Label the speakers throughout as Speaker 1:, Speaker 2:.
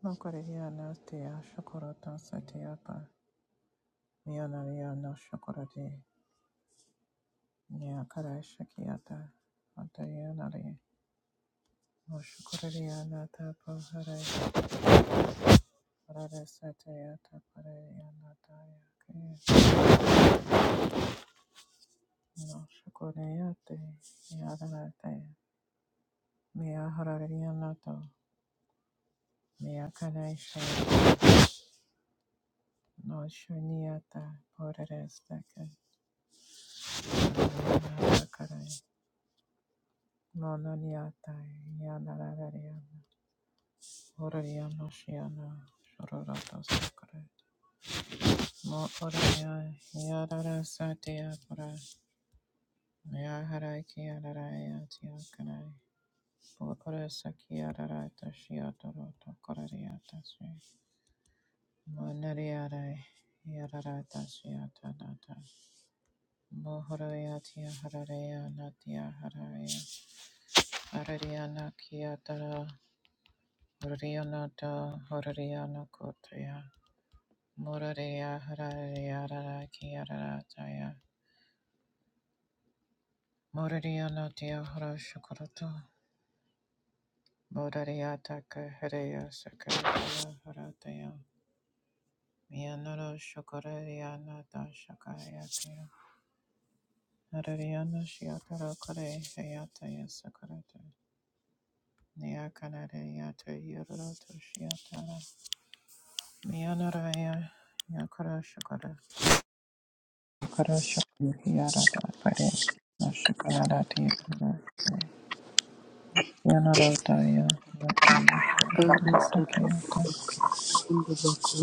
Speaker 1: No correria no tea shokorota satiapa. Mionaria no shokorati. Nia kara shakiata. Antayanari. No shokoraria na tapo hare. Rara satiata pareya na taya ke. No shokoreate. Yadarate. Mia hararia nato. Mia kara shaya. No shuniata. Poreres deke. Mia kara. Mononiata. Yanarariana. Orariana Shiana Shororata Sakare Mo Oraya Yadara Satya Pura Yahara Kiadaraya Tiakarai Po Orasa Kiadarata Shiatoroto Korariata Sri Monariare Yadarata Shiatanata Mohorayatya Hararaya Natya Haraya Arariana Kiatara Orianata Horariana Kotaya Moraria Hararia rara Kiara Taya Moraria Notia Hara Shukuruto Moraria Taka Harea Sakaria Harataya Mianoro Shukuraria Nata Shakayakaya Narariana Shiatara Kore Hayataya Sakurata Niakanaria te Yuruto Shiatara Mianoraya Yakara Shukura Yakara Shukura Yarada Pare Nashukarati Yanarodaya Haratiya
Speaker 2: Tanda
Speaker 1: Harapara
Speaker 2: tatundu
Speaker 1: Sakyata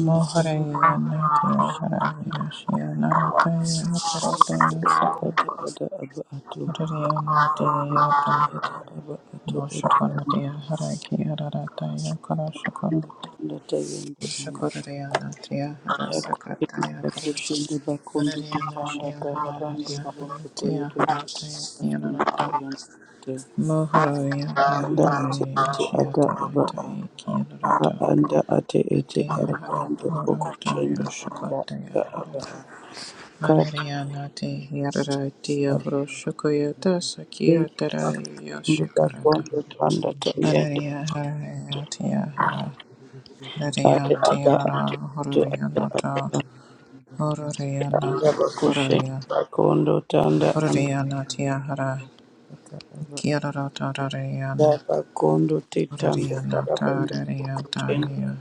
Speaker 1: Moharaya Natya Haraya Shya Narataya Kurataya Saka
Speaker 2: ata ada aba ato
Speaker 1: Haraya Natya
Speaker 2: aba ato oto
Speaker 1: Moshakonatya Haraki Hararataya Karashakara
Speaker 2: amanda tanda tayende anda
Speaker 1: Shakuraya Natya
Speaker 2: yako tende
Speaker 1: Harasakataya Hara
Speaker 2: bakushende bakundu
Speaker 1: Haraya
Speaker 2: tutanda
Speaker 1: Nashya
Speaker 2: tarabando
Speaker 1: Hararaya
Speaker 2: rubondo
Speaker 1: Haratiya
Speaker 2: toyete
Speaker 1: Harataya
Speaker 2: asunda
Speaker 1: Yanarata
Speaker 2: tayende te.
Speaker 1: Moharaya
Speaker 2: anda ate
Speaker 1: Haraya
Speaker 2: ate
Speaker 1: Shya
Speaker 2: ata aba a
Speaker 1: Tarataya
Speaker 2: aba
Speaker 1: Kiyanarata
Speaker 2: anda ate ete
Speaker 1: Ateya hara
Speaker 2: arabando
Speaker 1: poro
Speaker 2: rubokushende
Speaker 1: toyo
Speaker 2: anda ata
Speaker 1: shakotaya
Speaker 2: aba
Speaker 1: hara.
Speaker 2: akati
Speaker 1: Harariana te yarara tiya
Speaker 2: abete
Speaker 1: horo shakoya ta sakiya tara yo
Speaker 2: bakushende
Speaker 1: shakarata.
Speaker 2: bakundu tanda tayende
Speaker 1: Harariya harariya tiya hara.
Speaker 3: Thank
Speaker 2: ate
Speaker 1: Harariya tiya
Speaker 2: aba ato
Speaker 1: nara hororiya nata. Hororiya na
Speaker 2: anda bakushenda
Speaker 1: hororiya.
Speaker 2: bakondo tanda anda
Speaker 1: Hororiya hara.
Speaker 2: ata aba anda
Speaker 1: Kiyarara tarariya na.
Speaker 2: bakondo te tanda
Speaker 1: Hororiya na
Speaker 2: karabanda
Speaker 1: tarariya
Speaker 2: bakushenda
Speaker 1: taya.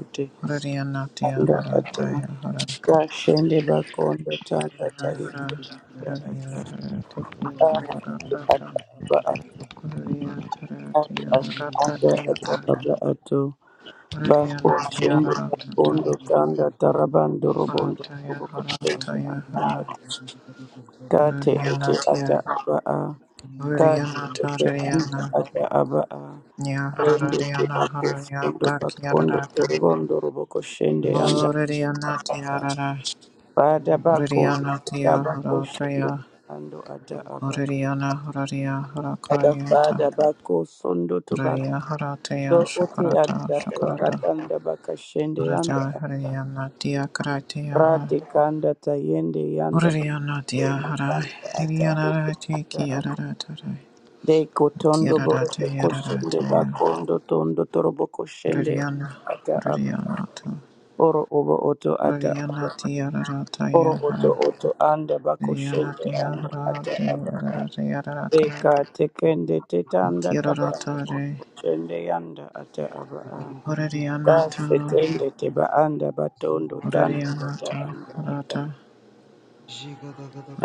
Speaker 2: ete
Speaker 1: Hororiya
Speaker 2: anda
Speaker 1: hara
Speaker 2: ata
Speaker 1: taya hara.
Speaker 2: kashende bakondo tanda tayende anda
Speaker 1: Horariana,
Speaker 2: ata ari ate ata aba ato ari ate anda ata aba ato bakushenda bakondo tanda tarabando robondo robokushenda anda ata kate ete ata aba a. kati ete anda
Speaker 1: Horariana,
Speaker 2: ata aba a rende te bako sondo bakondo torondo roboko shende anda ata fada bako ata bako shende ando ata aba
Speaker 1: Horaria,
Speaker 2: ada
Speaker 1: Horakarayata.
Speaker 2: fada bako sondo to bako
Speaker 1: Raria
Speaker 2: so
Speaker 1: Haratea
Speaker 2: ote
Speaker 1: Shakarata
Speaker 2: anda
Speaker 1: Shakarata
Speaker 2: ratanda baka shende anda
Speaker 1: Rata
Speaker 2: ata
Speaker 1: Hariana Dia Kratia Hai
Speaker 2: rate kanda tayende yanda
Speaker 1: Uriana Dia
Speaker 2: bakondo
Speaker 1: Harai
Speaker 2: anda ata
Speaker 1: Hiriana Rati Kiarata
Speaker 2: Deko tondo boroto
Speaker 1: Kiarata
Speaker 2: koshende
Speaker 1: Yaratataya
Speaker 2: bakondo tondo torobo koshende
Speaker 1: Uriana
Speaker 2: ata aba.
Speaker 1: Uriana To
Speaker 2: Oro obo oto ata aba.
Speaker 1: Uriana Tiara
Speaker 2: Oro
Speaker 1: taya
Speaker 2: oto
Speaker 1: Hara
Speaker 2: oto anda
Speaker 1: Uriana
Speaker 2: bakoshende
Speaker 1: Dia
Speaker 2: anda ata
Speaker 1: Harati
Speaker 2: aba.
Speaker 1: Yarata Yarakara
Speaker 2: Deka tekende tetanda tabanda
Speaker 1: Kirarata Re
Speaker 2: koshende yanda ata aba.
Speaker 1: Uriana
Speaker 2: Kase
Speaker 1: To
Speaker 3: you.
Speaker 2: tende teba anda
Speaker 3: Zagada
Speaker 2: batondo tanda
Speaker 1: Uriana
Speaker 2: ata
Speaker 1: To
Speaker 2: anda ata.
Speaker 1: Rata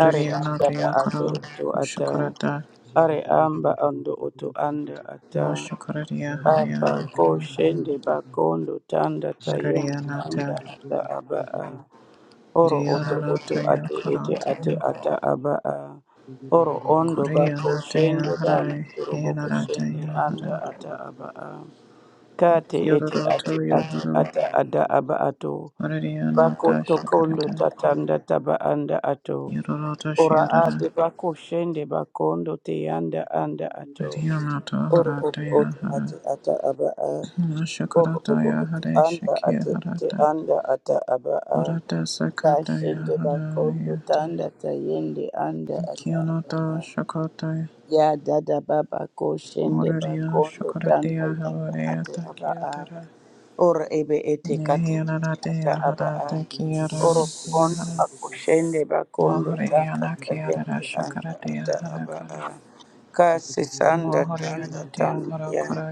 Speaker 2: Are ata ba
Speaker 1: Dia
Speaker 2: ato oto ata.
Speaker 1: Kara
Speaker 2: Are amba ando oto anda ata.
Speaker 1: Moshokaradia
Speaker 2: Papa
Speaker 1: Harayanati
Speaker 2: koshende bakondo tanda tayende anda
Speaker 1: Narayanata
Speaker 2: ata aba a. Oro oto oto
Speaker 1: Iriararataya
Speaker 2: ate ete ate
Speaker 1: Karataya
Speaker 2: ata aba a. Oro ondo bako shende
Speaker 1: Kuriyanataya
Speaker 2: danda
Speaker 1: Harai
Speaker 2: turobo koshende
Speaker 1: Yanarataya Hara
Speaker 2: anda ata aba a. Kate ete ate
Speaker 1: Yororotoya
Speaker 2: ate
Speaker 1: Huru
Speaker 2: ata ada aba ato. Bako
Speaker 1: Ariyanata
Speaker 2: tokondo
Speaker 1: Shakarata
Speaker 2: tatanda taba anda ato.
Speaker 1: Yororota
Speaker 2: Ora
Speaker 1: Shiarara
Speaker 2: ate bako shende bakondo te anda anda ato.
Speaker 1: Riyanata
Speaker 2: Oro oto oto
Speaker 1: Harataya
Speaker 2: ate
Speaker 1: Hara
Speaker 2: ata aba a. Oro obo
Speaker 1: Moshokarataya
Speaker 2: oto
Speaker 1: Hare
Speaker 2: anda
Speaker 1: Shakya
Speaker 2: ate ete
Speaker 1: Harata
Speaker 2: anda ata aba a.
Speaker 1: Orata
Speaker 3: Zugu
Speaker 1: Sakataya
Speaker 2: Kashende bakondo
Speaker 1: Harayata
Speaker 2: tanda tayende anda ata aba a.
Speaker 1: Kiyonata Shakotaya
Speaker 2: Ya dada baba koshende
Speaker 1: Orario
Speaker 2: bakondo tanda
Speaker 1: shakaratea
Speaker 2: yanda
Speaker 1: havarea
Speaker 2: ate aba a.
Speaker 1: takiatara.
Speaker 2: Oro ebe ete kate ete ata
Speaker 1: Nehianaratea
Speaker 2: aba
Speaker 1: hara
Speaker 2: a.
Speaker 1: takiara
Speaker 2: Oro kondo
Speaker 1: yahara.
Speaker 2: bakoshende bakondo tanda
Speaker 1: Mohoreana
Speaker 2: tayende
Speaker 1: kiarara
Speaker 2: anda
Speaker 1: shakaratea
Speaker 2: ata aba a.
Speaker 1: harakara.
Speaker 2: Kasi sanda tanda
Speaker 1: Mohoreana tia
Speaker 2: tanda ya.
Speaker 1: harakara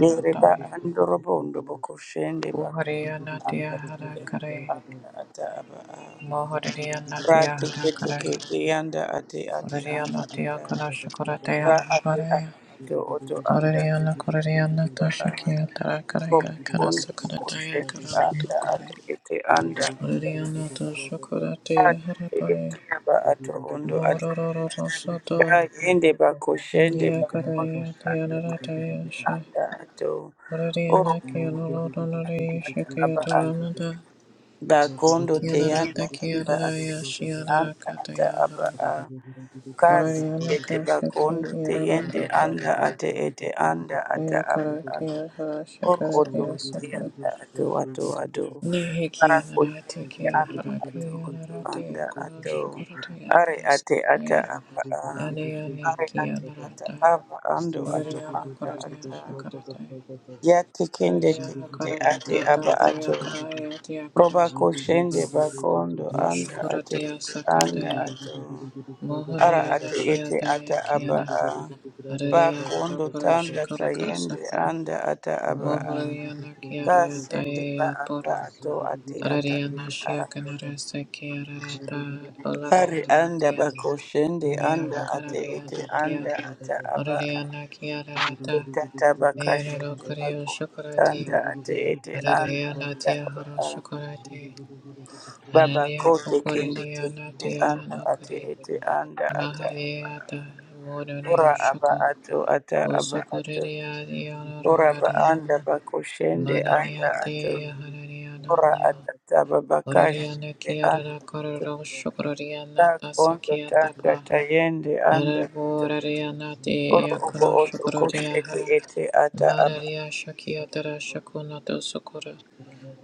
Speaker 2: Yereba andorobo ndoboko shende bakun
Speaker 1: Kuhoreana tia
Speaker 2: anda tiyende
Speaker 1: harakare.
Speaker 2: anda ata aba a.
Speaker 1: Mohoreana
Speaker 2: Ra
Speaker 1: tia
Speaker 2: teke teke
Speaker 1: harakare.
Speaker 2: tiyanda ate ate anda
Speaker 1: Orario tia
Speaker 2: ata.
Speaker 1: kana shakaratea
Speaker 2: Ra ate aba
Speaker 1: havarea.
Speaker 2: ato oto anda
Speaker 1: Orario korareana
Speaker 2: aba a.
Speaker 1: tashakia tarakara
Speaker 2: Kobo
Speaker 1: yakara
Speaker 2: kondo boko
Speaker 1: sakaratea
Speaker 2: shende
Speaker 1: karanata
Speaker 2: anda
Speaker 1: kore.
Speaker 2: ate ete anda ata.
Speaker 1: Oriana tosho
Speaker 2: Ra
Speaker 1: karate
Speaker 2: teke ete
Speaker 1: harapare
Speaker 2: aba ato ondo ata.
Speaker 1: mororo
Speaker 2: Ka
Speaker 1: rosato
Speaker 3: Ziggy,
Speaker 2: yende bako shende
Speaker 1: nia
Speaker 2: bakondo
Speaker 1: karaya
Speaker 2: tanda
Speaker 1: tiarara
Speaker 2: tiyende
Speaker 1: tayasha
Speaker 2: anda ato.
Speaker 1: Oriana kianoro donore shakia
Speaker 2: Oh,
Speaker 1: taranada
Speaker 2: Gakondo te
Speaker 1: kianara
Speaker 2: yanda anda
Speaker 1: takiarara
Speaker 2: ate
Speaker 1: yashiarara
Speaker 2: anda ata
Speaker 1: kataya
Speaker 2: aba
Speaker 1: hara
Speaker 2: a kasi
Speaker 1: Oriana
Speaker 2: ete
Speaker 1: kashaki
Speaker 2: gakondo te
Speaker 1: hiarara
Speaker 2: yende
Speaker 1: toko
Speaker 2: anda ate ete anda ata
Speaker 1: kia
Speaker 2: aba
Speaker 1: kara
Speaker 2: a
Speaker 1: kia hara
Speaker 2: or
Speaker 1: shakara
Speaker 2: oto
Speaker 1: tia
Speaker 2: ete
Speaker 1: sakara
Speaker 2: yanda ato ato ato
Speaker 1: Nihi
Speaker 2: parako
Speaker 1: kianara
Speaker 2: yende
Speaker 1: takia
Speaker 2: anda
Speaker 1: hara
Speaker 2: ato oto
Speaker 1: kianara
Speaker 2: anda
Speaker 1: teokono
Speaker 2: ato
Speaker 1: shakurata
Speaker 2: are ate ata
Speaker 1: yaparasa
Speaker 2: aba a
Speaker 1: Ane ane
Speaker 2: are
Speaker 1: kia
Speaker 2: ate ata
Speaker 1: naratai.
Speaker 2: aba ando ato
Speaker 1: Orariana
Speaker 2: anda
Speaker 1: koraria
Speaker 2: ata
Speaker 1: shakaratai.
Speaker 2: ya tekende te
Speaker 1: Oraria
Speaker 3: Zuguru
Speaker 2: ete
Speaker 1: hakarara
Speaker 2: ate aba
Speaker 1: tatataya
Speaker 2: ato
Speaker 1: karaya
Speaker 2: Roba
Speaker 1: tiakara.
Speaker 2: koshende bakondo anda ate
Speaker 1: Moshukuratia
Speaker 2: ete anga
Speaker 1: sakataya.
Speaker 2: ato. Ara
Speaker 1: Mohoria
Speaker 2: ate ete ata
Speaker 1: nashiataya
Speaker 2: aba
Speaker 1: kiana.
Speaker 2: a.
Speaker 1: Araria
Speaker 2: Bakondo
Speaker 1: harakuru
Speaker 2: tanda
Speaker 1: shikurata
Speaker 2: tayende
Speaker 1: sapa.
Speaker 2: anda ata aba a.
Speaker 1: Mohoria nakiarara
Speaker 2: Kasende ba
Speaker 1: taya
Speaker 2: anda
Speaker 1: poro.
Speaker 2: ato ate ata
Speaker 1: Araria
Speaker 2: aba a.
Speaker 1: nashiakanara sekiarata.
Speaker 2: Ari
Speaker 1: Olaria
Speaker 2: anda
Speaker 1: latia.
Speaker 2: bakoshende
Speaker 1: Mia
Speaker 2: anda ate
Speaker 1: hakararia
Speaker 2: ete
Speaker 1: natia.
Speaker 2: anda ata aba a.
Speaker 1: Oraria nakiarata.
Speaker 2: Tata
Speaker 1: Leonardo
Speaker 2: bakashende
Speaker 1: Correo
Speaker 2: bakondo
Speaker 1: Chocolati,
Speaker 2: tanda ate ete anda
Speaker 1: Araria
Speaker 2: ata
Speaker 1: Natia
Speaker 2: aba
Speaker 1: Horo
Speaker 2: a.
Speaker 1: Chocolati,
Speaker 2: Baba
Speaker 1: Araria
Speaker 2: kote kende
Speaker 1: Cocorinia
Speaker 2: teyende
Speaker 3: Zugu
Speaker 1: Natia
Speaker 2: anda ate
Speaker 1: Hanokari,
Speaker 2: ete anda ata
Speaker 1: Mahariata
Speaker 2: ora
Speaker 1: Moronio
Speaker 2: aba
Speaker 1: Choco,
Speaker 2: ato ata aba ato
Speaker 1: Osocoria
Speaker 2: ora
Speaker 1: Dionora
Speaker 2: ba anda
Speaker 1: Diama,
Speaker 2: ba anda ato
Speaker 1: Mananiate Hanania
Speaker 2: ora
Speaker 1: Donia,
Speaker 2: atata baba
Speaker 1: Oraria
Speaker 2: kashende
Speaker 1: Nakiara
Speaker 2: anda ato
Speaker 1: Corro Chocoria
Speaker 2: ta
Speaker 1: Nata
Speaker 2: kondo tanda
Speaker 1: Tapa,
Speaker 2: tayende anda ato
Speaker 1: Araboraria Nati
Speaker 2: ora obo
Speaker 1: Yakono
Speaker 2: oto
Speaker 1: Chocoria
Speaker 2: koshete
Speaker 1: Hara,
Speaker 2: ete ata aba
Speaker 1: Mararia Shakia Tara Shakuna Dosokora.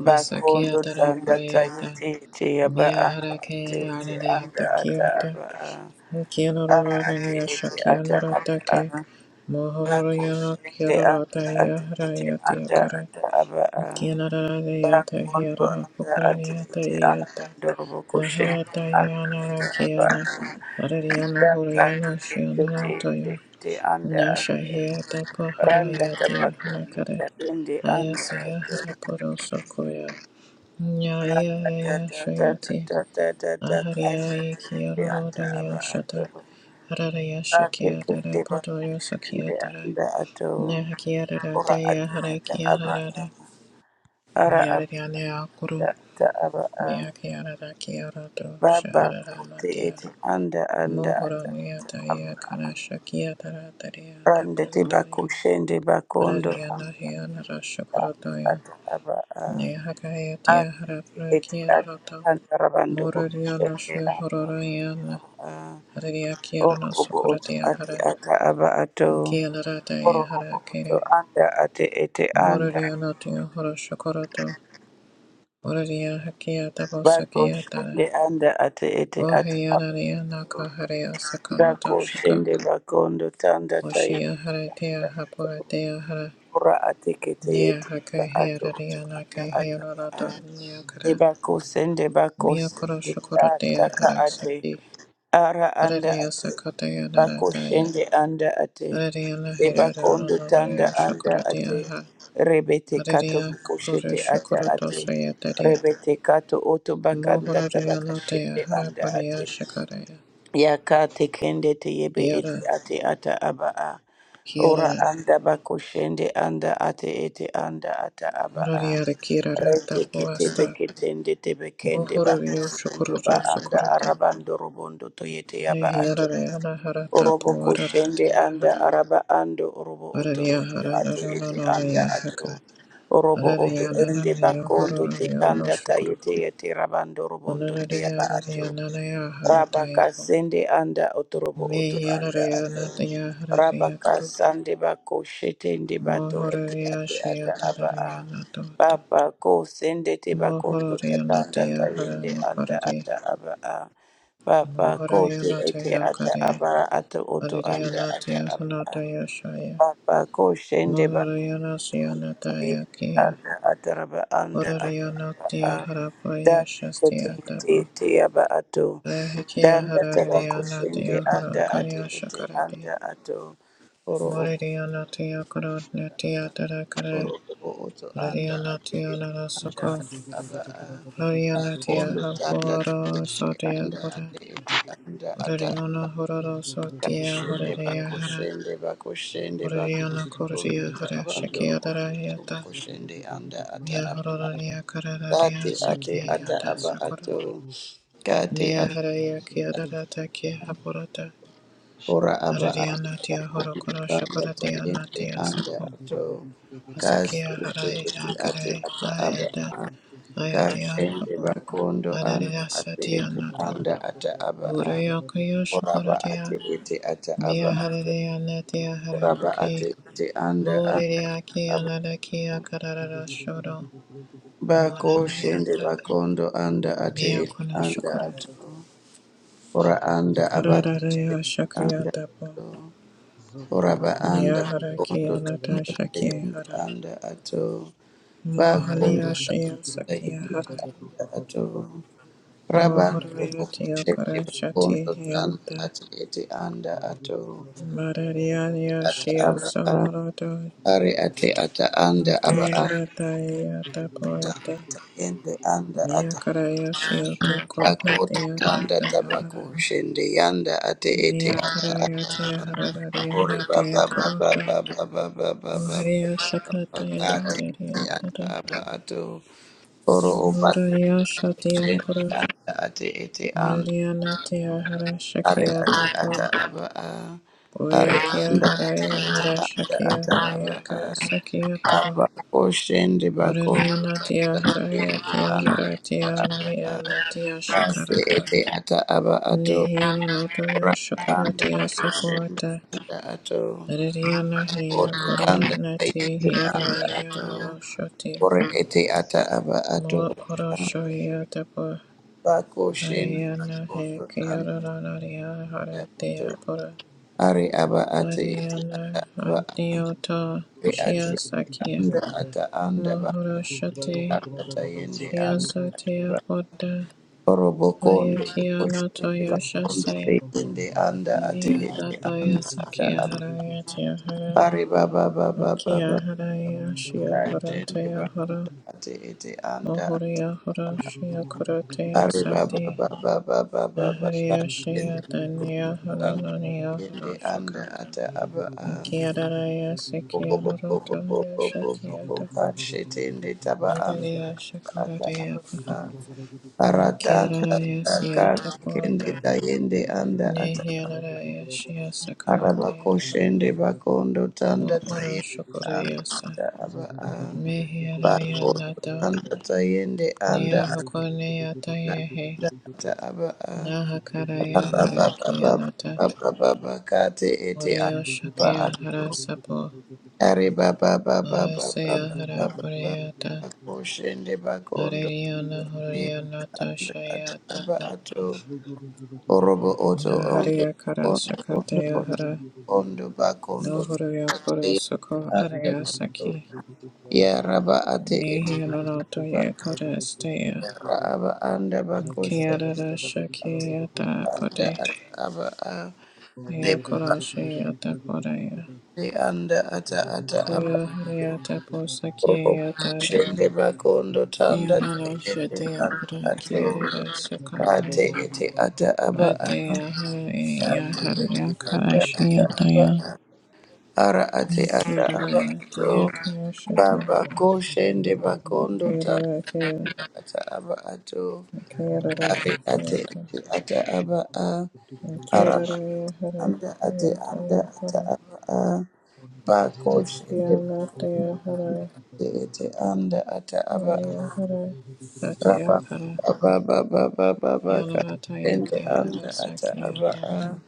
Speaker 2: ba kondo
Speaker 1: Asakiata
Speaker 2: tanda
Speaker 1: Rapureata
Speaker 2: tayete ete aba anda ate
Speaker 1: Miaharake
Speaker 2: ete anda
Speaker 1: Anadiata
Speaker 2: ata
Speaker 1: Kiata
Speaker 2: aba a. ara ate
Speaker 1: Kianoronia
Speaker 2: ete ata aba
Speaker 1: Shakianaratake
Speaker 2: a.
Speaker 1: Mohororiana
Speaker 2: Bakoshende anda
Speaker 1: Kirorata
Speaker 2: ate ete anda
Speaker 1: Yaharayatiakara
Speaker 2: ata aba a.
Speaker 1: Kianarayata
Speaker 2: Bakondo
Speaker 1: Hirara
Speaker 2: anda ate
Speaker 1: Pukurariata
Speaker 2: ete anda
Speaker 1: Iata
Speaker 2: ndorobo koshende
Speaker 1: Maharata
Speaker 2: anda ata aba a.
Speaker 1: Yanarakiana Arariana
Speaker 2: Bakate
Speaker 1: Huriana
Speaker 2: kende tende
Speaker 1: Shianaratoya
Speaker 2: te anda ate.
Speaker 1: Nashahiata
Speaker 2: Randa tabakondo
Speaker 1: Paharayatiahanakare
Speaker 2: tatende anda
Speaker 1: Ayasaya
Speaker 2: ate.
Speaker 1: Haraporoso
Speaker 2: Randa
Speaker 1: Nyaya Shayati
Speaker 2: tatatatatata
Speaker 1: Ahariya
Speaker 2: kashete ete
Speaker 1: Kiyororo
Speaker 2: ata aba
Speaker 1: Dunya
Speaker 2: ato.
Speaker 1: Shata Hararaya
Speaker 2: Ate
Speaker 1: Shakia Dara
Speaker 2: kende
Speaker 1: Podoyo
Speaker 2: bakoshende
Speaker 1: Sakia Dara
Speaker 2: anda ato.
Speaker 1: Nehakia Dara
Speaker 2: Ora ate
Speaker 1: Daya
Speaker 2: ata
Speaker 1: Harakia
Speaker 2: aba
Speaker 1: Dara
Speaker 2: a. ara abada
Speaker 1: Nayariya Neakuru
Speaker 2: ata aba a
Speaker 1: Meakia Dara Kiyororo
Speaker 2: baba
Speaker 1: Sharara
Speaker 2: kote
Speaker 1: Matia
Speaker 2: ete anda anda
Speaker 1: Mohoro
Speaker 2: ata ata aba
Speaker 1: Nyataya
Speaker 2: a
Speaker 1: Kana Shakia Dara Daria
Speaker 2: rande te bako
Speaker 1: Dapodoyo
Speaker 2: shende bakondo
Speaker 1: Harariya
Speaker 2: anda
Speaker 1: Nahia Nara
Speaker 2: anda
Speaker 1: Shakorodoyo
Speaker 2: ata aba a
Speaker 1: Nehakaya Dia
Speaker 2: atete
Speaker 1: Harapra
Speaker 2: ete ata
Speaker 1: Kianaroto
Speaker 2: rabanda rabando boko
Speaker 1: Moraria
Speaker 2: shende
Speaker 1: Nashia
Speaker 2: anda ata
Speaker 1: Hororiana
Speaker 2: aba a
Speaker 1: Hararia
Speaker 2: oro
Speaker 1: Kiarana
Speaker 2: obo oto
Speaker 1: Sokoratia
Speaker 2: ate
Speaker 1: Hara
Speaker 2: ata aba ato oro
Speaker 1: Kialarata
Speaker 2: obo
Speaker 1: Hara
Speaker 2: oto
Speaker 1: Kere
Speaker 2: anda ate ete anda
Speaker 1: Moraria Natio Hora Shokorato Moraria Hakia
Speaker 2: bako
Speaker 1: Dabosakia Tara
Speaker 2: shende anda ate ete ata aba
Speaker 1: Oheanaria
Speaker 2: ato
Speaker 1: Naka Haria Sakanoto
Speaker 2: Dako
Speaker 1: Shaka
Speaker 2: shende bakondo tanda tayenda
Speaker 1: Oshia Haratia
Speaker 2: ato
Speaker 1: Hapoatea Hara
Speaker 2: ora atekete
Speaker 1: Nia
Speaker 2: yete ba ato oto
Speaker 1: Hakahiararia
Speaker 2: anda
Speaker 1: Nake
Speaker 2: ata ba a
Speaker 1: Hianorato
Speaker 2: de
Speaker 1: Niakara
Speaker 2: bako sende bako
Speaker 1: Miakoro
Speaker 2: sende a
Speaker 1: Shokoratia
Speaker 2: taka
Speaker 1: Hara
Speaker 2: ate
Speaker 1: Saki
Speaker 2: ara anda
Speaker 1: Hararia
Speaker 2: ate
Speaker 1: Sakataya
Speaker 2: bako
Speaker 1: Naratae
Speaker 2: shende anda ate
Speaker 1: Ariana
Speaker 2: de
Speaker 1: Herrera
Speaker 2: bakondo tanda
Speaker 1: Noria
Speaker 2: anda ate
Speaker 1: Shakaradia
Speaker 2: rebete kato
Speaker 1: Ariana
Speaker 2: buko
Speaker 1: Kuru
Speaker 2: shete ata
Speaker 1: Shakarato
Speaker 2: ate
Speaker 1: Sayatari
Speaker 2: rebete kato oto bakanda
Speaker 1: Mohoraria
Speaker 2: tabaka
Speaker 1: Notea
Speaker 2: shende anda
Speaker 1: Haraparia
Speaker 2: ate
Speaker 1: Shakaraya
Speaker 2: Yaka tekende teyebe ete
Speaker 1: Kiara
Speaker 2: ate ata aba a. Ora
Speaker 1: Kiara
Speaker 2: anda bakushende anda ate ete anda ata aba a.
Speaker 1: Horaria Kirara
Speaker 2: Rete kete
Speaker 1: Tapuasta
Speaker 2: beketende tebekende
Speaker 1: Mohorio
Speaker 2: bakusundu ba
Speaker 1: Shakarato
Speaker 2: anda
Speaker 1: Sakurate
Speaker 2: arabando robondo toyete yaba ato.
Speaker 1: Nehiara Anahara Tapu
Speaker 2: Orobo kushende
Speaker 1: Araratea
Speaker 2: anda
Speaker 1: Hara
Speaker 2: araba ando orobo oto
Speaker 1: Araria
Speaker 2: oto
Speaker 1: Hara
Speaker 2: ate
Speaker 1: Riono
Speaker 2: ete anda
Speaker 1: Noria
Speaker 2: ato.
Speaker 1: Haka
Speaker 2: Orobo oto
Speaker 1: Araria
Speaker 2: ende
Speaker 1: Nananio
Speaker 2: bakondo te
Speaker 1: hororio No
Speaker 2: anda
Speaker 1: Shakara
Speaker 2: tayete yete yete rabando robondo te
Speaker 1: Onoraria
Speaker 2: yaba ato.
Speaker 1: Ariana
Speaker 2: Rabaka
Speaker 1: Harataya
Speaker 2: sende anda otorobo oto anda
Speaker 1: Mehiraya
Speaker 2: ato.
Speaker 1: Natya Haraya
Speaker 2: Rabaka
Speaker 1: Kuru
Speaker 2: sande bako shetende bato ete
Speaker 1: Mohoraya
Speaker 2: ate ata aba a.
Speaker 1: Shayataraya Natota
Speaker 2: Papa ko sende te bako to
Speaker 1: Mohoraya
Speaker 2: tata anda
Speaker 1: Natya Hara
Speaker 2: tayende anda
Speaker 1: Makarare
Speaker 2: ata aba a. Papa ko
Speaker 1: Mohoraya
Speaker 2: te ete
Speaker 1: Natya
Speaker 2: ata
Speaker 1: Kare
Speaker 2: aba ato oto
Speaker 1: Araya
Speaker 2: anda ata
Speaker 1: Natya
Speaker 2: aba a.
Speaker 1: Hanataya Shaya
Speaker 2: Papa ko shende ba
Speaker 1: Mohoraya Nasya
Speaker 2: kanga tayende
Speaker 1: Nataya Kiya
Speaker 2: anda ataraba anda
Speaker 1: Horaya
Speaker 2: ataraba
Speaker 1: Natya
Speaker 2: a da
Speaker 1: Harapaya
Speaker 2: teke
Speaker 1: Shastya
Speaker 2: teke
Speaker 1: Tabo
Speaker 2: teke yaba ato
Speaker 1: Ahikiya
Speaker 2: danda taba ko
Speaker 1: Hararaya Natya
Speaker 2: anda ate
Speaker 1: Harakarya
Speaker 2: ete
Speaker 1: Shakarate
Speaker 2: anda ato oro obo
Speaker 1: Morariya Natya Karo Natya Tarakarai
Speaker 2: oro obo oto anda
Speaker 1: Purariana
Speaker 2: ate ete
Speaker 1: Tiana
Speaker 2: anda
Speaker 1: Rasoko,
Speaker 2: ate aba a
Speaker 1: Purariana Tia
Speaker 2: kondo tanda teke
Speaker 1: Hakuara Sotia
Speaker 2: anda
Speaker 1: Pura,
Speaker 2: ate ete anda
Speaker 1: Purariana Hororo Sotia
Speaker 2: Kashende
Speaker 1: Puraria Hara,
Speaker 2: bakushende bakushende
Speaker 1: Purariana Korea
Speaker 2: bakushende
Speaker 1: Hara
Speaker 2: abandoro
Speaker 1: Shakia
Speaker 2: bokotoro
Speaker 1: Darayata,
Speaker 2: bokushende anda ata
Speaker 1: Mia
Speaker 2: aba
Speaker 1: Hororia Karadaria
Speaker 2: kate
Speaker 3: Thank you,
Speaker 2: ate
Speaker 3: Jesus.
Speaker 1: Saki
Speaker 2: ata
Speaker 1: Ada
Speaker 2: aba
Speaker 1: Sakura,
Speaker 2: ato.
Speaker 3: Thank
Speaker 2: kate
Speaker 1: Mia
Speaker 2: ate
Speaker 1: Haraya
Speaker 3: you,
Speaker 1: Kiadara
Speaker 3: Jesus.
Speaker 1: Taki Hapurata,
Speaker 2: ora aba anda
Speaker 1: Purariana Tia
Speaker 2: bakushende
Speaker 1: Horokora
Speaker 2: anda
Speaker 1: Shakura Tia
Speaker 2: tayende
Speaker 1: Natia
Speaker 2: anda
Speaker 1: Sapo.
Speaker 2: ato. kasi
Speaker 1: Asakia
Speaker 2: ate
Speaker 1: Harai
Speaker 2: ate
Speaker 1: Akarai
Speaker 2: ata aba
Speaker 1: Ayada
Speaker 2: a.
Speaker 1: Ayadia
Speaker 2: kashende
Speaker 1: Hapo
Speaker 2: bakondo anda
Speaker 1: Adaria
Speaker 2: ate
Speaker 1: Satia
Speaker 2: ete
Speaker 1: Nato
Speaker 2: anda ata aba a.
Speaker 1: Urayo Kayo
Speaker 2: ora aba ate
Speaker 1: Shukuratia
Speaker 2: ete ata
Speaker 1: Mia
Speaker 2: aba
Speaker 1: Hararia Natia
Speaker 2: Raba ate
Speaker 1: Harapuki
Speaker 2: ete anda anda
Speaker 1: Moriria Kia
Speaker 2: aba.
Speaker 1: Nadakia Karara Shodo
Speaker 2: Bako shende
Speaker 1: Monaniata
Speaker 2: bakondo anda ate
Speaker 1: Mia
Speaker 2: ete
Speaker 1: Kuno
Speaker 2: anda
Speaker 1: Shukura
Speaker 2: ato. Ora anda abate ete
Speaker 1: Karararia Shakia
Speaker 2: anda
Speaker 1: Tapo
Speaker 2: ato. Ora ba anda
Speaker 1: Nia
Speaker 2: bakondo
Speaker 1: Harakia Nata
Speaker 2: tanda
Speaker 3: Zogo
Speaker 1: Shakia
Speaker 2: tayende
Speaker 1: Hara
Speaker 2: anda ato. Bakondo
Speaker 1: Mohania
Speaker 3: Mandela
Speaker 2: tanda
Speaker 1: Shia Sakia
Speaker 2: tayende
Speaker 1: Hara
Speaker 2: anda ato. Raba roko
Speaker 1: Mohoriati
Speaker 2: shende
Speaker 1: okara shati
Speaker 2: bakondo tanda
Speaker 1: hianta.
Speaker 2: ate ete anda ato.
Speaker 1: Marariania
Speaker 2: Ata
Speaker 1: shia
Speaker 2: aba a.
Speaker 1: sonorata.
Speaker 2: Ari ate ata anda aba a.
Speaker 1: Kianarata iata poete.
Speaker 2: Yende anda ata
Speaker 1: Miakaraya shia
Speaker 2: ako
Speaker 1: tokotnatia
Speaker 2: tanda tabako
Speaker 1: tapiahara.
Speaker 2: shende yanda ate ete ata
Speaker 1: Miakaraya
Speaker 2: ata
Speaker 1: tia
Speaker 2: kore
Speaker 1: harariana
Speaker 2: baba
Speaker 1: tia
Speaker 2: baba
Speaker 1: korotoi.
Speaker 2: baba baba baba
Speaker 1: Moharia
Speaker 2: baba
Speaker 1: shakataya
Speaker 2: kate ete
Speaker 1: reria
Speaker 2: ata
Speaker 1: hara.
Speaker 2: aba ato oro oba shende
Speaker 1: Moraria shatia pura.
Speaker 2: anda ate ete anda
Speaker 1: Morariana tia hara
Speaker 2: are
Speaker 1: shakia
Speaker 2: ate
Speaker 1: tapo.
Speaker 2: ata aba a are
Speaker 1: Oyakia
Speaker 2: anda ate
Speaker 1: Haraya
Speaker 2: ete anda
Speaker 1: Harashakia
Speaker 2: ata aba
Speaker 1: Daya
Speaker 2: a
Speaker 1: Karasakia Toro
Speaker 2: aba ko shende bako tanda
Speaker 1: Orarianatia
Speaker 2: tabako
Speaker 1: Haraya
Speaker 2: shende
Speaker 1: Kia
Speaker 2: anda
Speaker 1: Haratia Hararianatia
Speaker 2: Asi
Speaker 1: Shakarata
Speaker 2: ete ata aba ato
Speaker 1: Nihianuroto
Speaker 2: ora anda
Speaker 1: Yoshakuratia
Speaker 2: ate
Speaker 1: Sapuata
Speaker 2: anda ato
Speaker 1: Haririana Hia
Speaker 2: oto
Speaker 1: Koro
Speaker 2: kanda
Speaker 1: Nati
Speaker 2: taende anda
Speaker 1: Hiraya
Speaker 2: ato
Speaker 1: Noroshoti
Speaker 2: ore ete ata aba ato
Speaker 1: Mo
Speaker 2: anda
Speaker 1: Oroshoya Tapa
Speaker 2: bako shende
Speaker 1: Hariana He
Speaker 2: akondo anda
Speaker 1: Kioranaria
Speaker 2: ato
Speaker 1: Haratia Pura
Speaker 2: are aba ate ete
Speaker 1: Hariana
Speaker 2: aba
Speaker 1: Adiota
Speaker 2: are ate
Speaker 1: Shia Sakia
Speaker 2: anda ata anda ba
Speaker 1: Mahoroshate
Speaker 2: ata taende anda
Speaker 1: Shiasatea
Speaker 2: ba
Speaker 1: Bodda
Speaker 2: oro bokondo
Speaker 1: Ayakia
Speaker 2: bokoshende
Speaker 1: Notoya
Speaker 2: bakondo
Speaker 1: Shasaya
Speaker 2: taende anda ate
Speaker 1: Niyata
Speaker 2: ete
Speaker 1: Baya
Speaker 2: anda
Speaker 1: Sakia
Speaker 2: ata
Speaker 1: Haraya Tiahara
Speaker 2: Ari baba baba baba
Speaker 1: Akia Haraya Shia
Speaker 2: kashende
Speaker 1: Haratea Hara
Speaker 2: bakate ete anda.
Speaker 1: Mahoria Hara
Speaker 3: Zagada
Speaker 1: Shia Kuratea
Speaker 2: Ari baba
Speaker 1: Sati
Speaker 2: baba baba baba
Speaker 1: Aharia
Speaker 2: kashende
Speaker 1: Shia Dania
Speaker 2: anda
Speaker 1: Haranania
Speaker 2: yende anda
Speaker 1: Harashaka
Speaker 2: ata aba a.
Speaker 1: Akia Daraya
Speaker 2: Boko
Speaker 1: Sikia
Speaker 2: boko
Speaker 1: Norota
Speaker 2: boko boko
Speaker 1: Yashakia
Speaker 2: boko
Speaker 1: Tapa
Speaker 2: kashetende taba anda
Speaker 1: Adaria
Speaker 2: ata aba
Speaker 1: Shakuratea
Speaker 2: a. Arata
Speaker 1: Kiararaya
Speaker 2: tata
Speaker 1: siata
Speaker 2: kashende
Speaker 1: puata.
Speaker 2: tayende anda ata.
Speaker 1: Nehiararaya shia sakaratea.
Speaker 2: Arabakoshende bakondo tanda
Speaker 1: Mo'oro
Speaker 2: tayende anda ata
Speaker 1: shokoreyasa.
Speaker 2: aba a
Speaker 1: Mehiararaya
Speaker 2: bakondo
Speaker 1: nata.
Speaker 2: tanda tayende anda
Speaker 1: Nea
Speaker 2: ata
Speaker 1: hokonea tayehe.
Speaker 2: anda ata aba a
Speaker 1: Nahakaraya harakianata.
Speaker 2: abababababababa kate ete
Speaker 1: Oreo
Speaker 2: ata
Speaker 3: Ziggy
Speaker 2: aba
Speaker 1: shakia
Speaker 2: ato
Speaker 1: harasapo. Arasea
Speaker 2: aribabababababababa
Speaker 1: harapureata.
Speaker 2: bakoshende bakondo
Speaker 1: Areriana
Speaker 2: tayende
Speaker 1: horianata
Speaker 2: anda ata aba
Speaker 1: shayatapo.
Speaker 2: ato orobo oto ondo
Speaker 1: Naharia
Speaker 2: ondo ondo
Speaker 1: karashakatea hara.
Speaker 2: Ondo bakondo
Speaker 1: Nohoria korosoko araya saki.
Speaker 2: Ya rabba ate etaba
Speaker 1: Nihiloroto yekodestea.
Speaker 2: yara aba anda bakose
Speaker 1: Kiarara
Speaker 2: ate
Speaker 1: shakiata
Speaker 2: anda
Speaker 1: pote.
Speaker 2: ata aba a deba
Speaker 1: Neokoroshiata korea.
Speaker 2: ate anda ata ata aba
Speaker 1: Kuyo hariata
Speaker 2: Oro
Speaker 1: posakiata rea.
Speaker 2: shende bakondo tanda
Speaker 1: Ionoro
Speaker 2: tayende
Speaker 1: shetea
Speaker 2: anda
Speaker 1: pura
Speaker 2: ato
Speaker 1: kiarara
Speaker 3: Thank
Speaker 2: ate
Speaker 1: sukataya.
Speaker 2: ete ata aba
Speaker 1: Atea harai ya haria
Speaker 2: anda ata
Speaker 1: karashiata
Speaker 2: aba
Speaker 1: ya.
Speaker 2: ara ate ata
Speaker 1: Kiarara
Speaker 2: aba
Speaker 1: ya tea
Speaker 2: ato
Speaker 1: karoshate.
Speaker 2: baba koshende bakondo
Speaker 1: Kiarara tea.
Speaker 2: ata aba ato
Speaker 1: Kiarara
Speaker 2: ate ate
Speaker 1: tosiata.
Speaker 2: ete ata aba a araba
Speaker 1: Kiarara ya
Speaker 2: anda ate anda ata
Speaker 1: harai.
Speaker 2: aba a ba ko shende ate
Speaker 1: Kianataya harai,
Speaker 2: ete anda ata aba a
Speaker 1: Maria harai, Satya
Speaker 2: raba
Speaker 1: kara,
Speaker 2: ba ba ba ba ba ba ka
Speaker 1: Kianarataya
Speaker 2: shende anda
Speaker 1: kiarasa
Speaker 2: ata aba a
Speaker 1: kiatapu,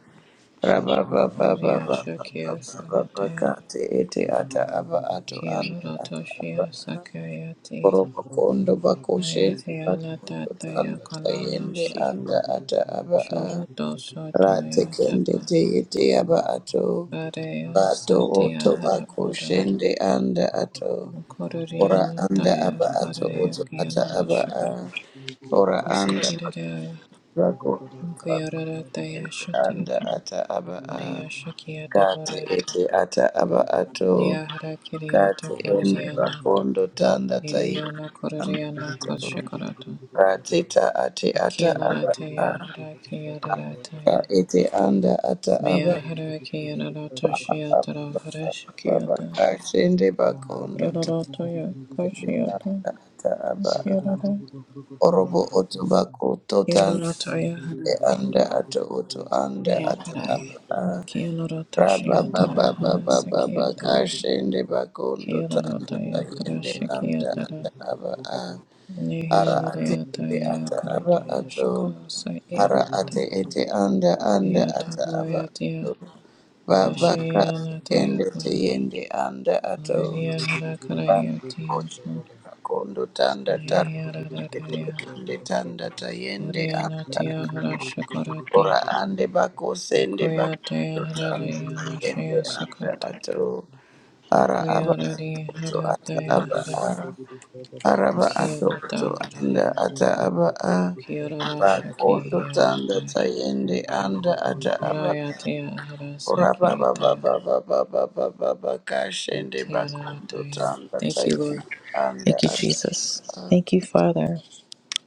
Speaker 2: raba ba ba ba
Speaker 1: Raria
Speaker 2: ba ba ba
Speaker 1: shakia
Speaker 2: ba ba ba ka
Speaker 1: sanataya,
Speaker 2: te ete ata aba ato anda ata aba
Speaker 1: Kianuratoshia
Speaker 3: you.
Speaker 2: a
Speaker 1: sakayati,
Speaker 3: Thank you.
Speaker 2: koroba kondo ba shende ba
Speaker 1: Ayatya natataya
Speaker 2: tanda tayende
Speaker 1: kalanashi,
Speaker 2: anda ata aba a
Speaker 1: Shuruto sotoya
Speaker 2: ratekende
Speaker 1: tapa,
Speaker 2: teyete yaba ato
Speaker 1: Vareya
Speaker 2: bato oto
Speaker 1: satya
Speaker 2: bako
Speaker 1: harapudo,
Speaker 2: shende anda ato ora anda aba
Speaker 1: Kururianataya
Speaker 2: ato
Speaker 1: haraya
Speaker 2: oto ata aba a
Speaker 1: kianarashakara,
Speaker 2: ora anda bako
Speaker 1: Kusakiraya,
Speaker 2: bako oto ata
Speaker 1: Kuyararataya
Speaker 2: shende
Speaker 1: shati,
Speaker 2: anda ata aba a
Speaker 1: Korea Shakyata
Speaker 2: kate
Speaker 1: Bore
Speaker 2: ete ata aba ato
Speaker 1: Liahara Kiriata
Speaker 2: kate ende
Speaker 1: Borziana
Speaker 2: bakondo tanda tayi
Speaker 1: Iriana
Speaker 2: anda
Speaker 1: Koreana
Speaker 2: ato
Speaker 1: Koshikarata
Speaker 2: rateta ate ata aba
Speaker 1: Kianarate
Speaker 2: a
Speaker 1: Yahara
Speaker 2: rateta
Speaker 1: Kiadarataya
Speaker 2: ete anda ata aba
Speaker 1: Miahara
Speaker 3: Thank
Speaker 1: Kianarata Shiatara Hara Shakyata
Speaker 2: Ashende bakondo
Speaker 1: Yadarataya
Speaker 2: takende
Speaker 1: Koshiata
Speaker 2: anda ata aba a.
Speaker 1: Kianara
Speaker 2: orobo oto bako totando
Speaker 1: Kianarataya
Speaker 2: e anda ato oto anda ata aba
Speaker 1: Miakarai
Speaker 2: a.
Speaker 1: Kianarata
Speaker 2: raba baba
Speaker 1: Shiatara Hara
Speaker 2: baba baba
Speaker 1: Sakyatara
Speaker 2: kashende bakondo tanda
Speaker 1: Kianarataya
Speaker 2: takende anda
Speaker 1: Kara
Speaker 2: ata aba a. ara ate
Speaker 1: Nihilariata
Speaker 2: ete ata aba
Speaker 1: Yakarata
Speaker 2: ato
Speaker 1: Shakasa
Speaker 2: ara ate
Speaker 1: Yapata
Speaker 2: ete anda anda ata aba
Speaker 1: Yataboyatia
Speaker 2: ato Babaka
Speaker 1: Ashiyanataya
Speaker 2: tekende
Speaker 1: Pura
Speaker 2: teyende anda ato
Speaker 1: Uriya Harakarayati Apo
Speaker 2: koshende
Speaker 3: you.
Speaker 2: bakondo
Speaker 3: Peace
Speaker 2: tanda tarbe
Speaker 1: Nihilaratia
Speaker 2: tekende tanda tayende anda
Speaker 1: Uriyanatia
Speaker 2: ora
Speaker 1: Harashakarati
Speaker 2: ande bako sende
Speaker 1: Mukuyataya
Speaker 2: bakondo tanda
Speaker 1: Hararayana
Speaker 2: tayende
Speaker 1: Shaya
Speaker 2: anda
Speaker 1: Sakata
Speaker 2: ato ara aba ato
Speaker 1: Mukuyarari
Speaker 2: oto ata
Speaker 1: Harataya
Speaker 2: aba
Speaker 1: Hara
Speaker 2: ara araba ato oto
Speaker 1: Kiyanata Hara
Speaker 2: anda ata aba a
Speaker 1: Kiyarara Shaki
Speaker 2: bakondo tanda
Speaker 1: Hiyaratai
Speaker 2: tayende anda ata aba
Speaker 1: Karayati
Speaker 2: Uraba
Speaker 1: Harasaki
Speaker 2: ba ba
Speaker 1: itaya
Speaker 2: ba ba ba ba ba ba ba kashende bakondo
Speaker 1: Kiararataya.
Speaker 2: tanda
Speaker 1: Thank you, Lord.
Speaker 2: taiyende anda
Speaker 1: Thank you,
Speaker 2: ata.
Speaker 1: Jesus. Thank you, Father.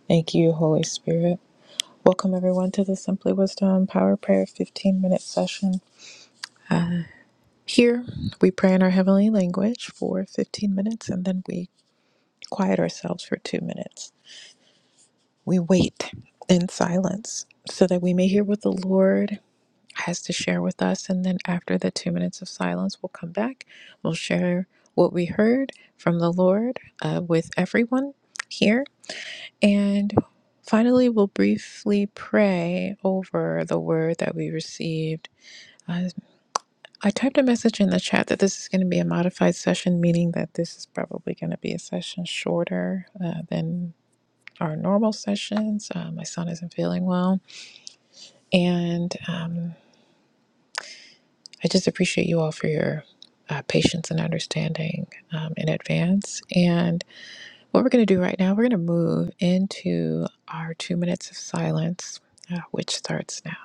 Speaker 1: Thank you, Holy Spirit. Welcome, everyone, to the Simply Wisdom Power Prayer 15 minute session. Here, we pray in our heavenly language for 15 minutes and then we quiet ourselves for two minutes. We wait in silence so that we may hear what the Lord has to share with us. And then, after the two minutes of silence, we'll come back. We'll share what we heard from the Lord uh, with everyone here And finally, we'll briefly pray over the word that we received. Uh, I typed a message in the chat that this is going to be a modified session, meaning that this is probably going to be a session shorter uh, than our normal sessions. Uh, my son isn't feeling well. And um, I just appreciate you all for your uh, patience and understanding um, in advance. And what we're going to do right now, we're going to move into our two minutes of silence, uh, which starts now.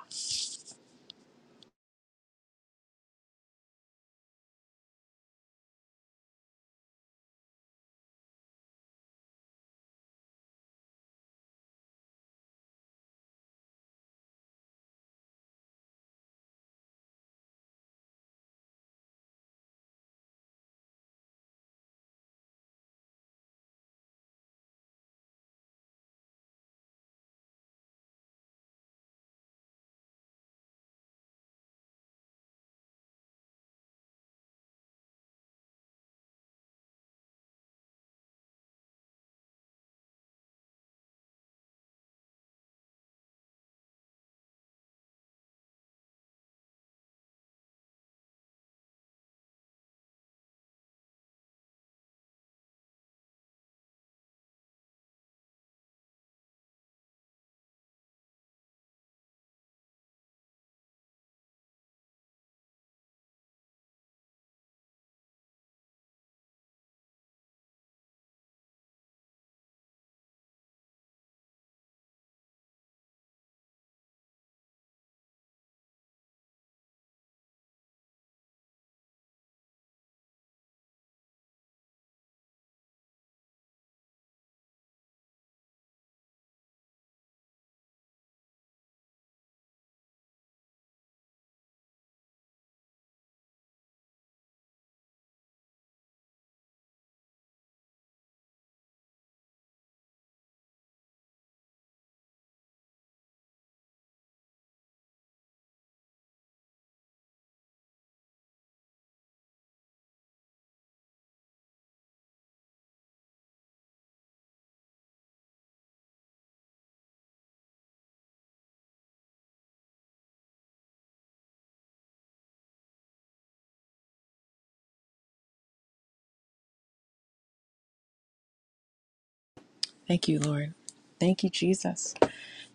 Speaker 1: Thank you, Lord. Thank you, Jesus.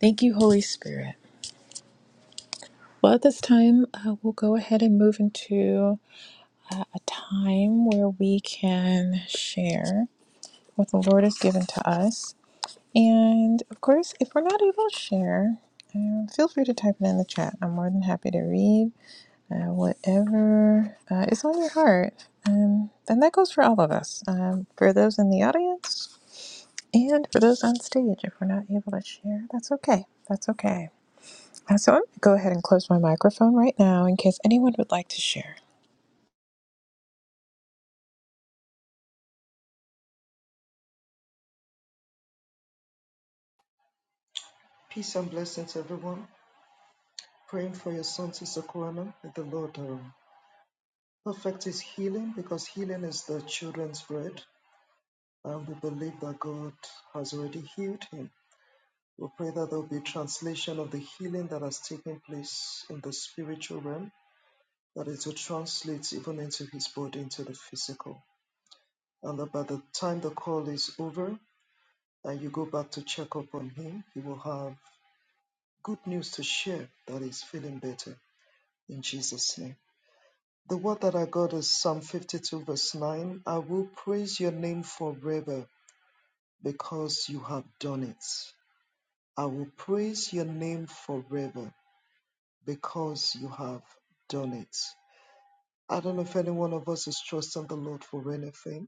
Speaker 1: Thank you, Holy Spirit. Well, at this time, uh, we'll go ahead and move into uh, a time where we can share what the Lord has given to us. And of course, if we're not able to share, um, feel free to type it in the chat. I'm more than happy to read uh, whatever uh, is on your heart. Um, and that goes for all of us. Um, for those in the audience, And for those on stage, if we're not able to share, that's okay. That's okay. Uh, So I'm going to go ahead and close my microphone right now in case anyone would like to share.
Speaker 3: and blessings, everyone. Praying for your son, Sister Kuana, that the Lord um, perfect his healing because healing is the children's bread. And we believe that God has already healed him. We pray that there will be translation of the healing that has taken place in the spiritual realm, that it will translate even into his body, into the physical. And that by the time the call is over and you go back to check up on him, he will have good news to share that he's feeling better in Jesus' name. The word that I got is Psalm 52, verse 9. I will praise your name forever because you have done it. I will praise your name forever because you have done it. I don't know if any one of us is trusting the Lord for anything,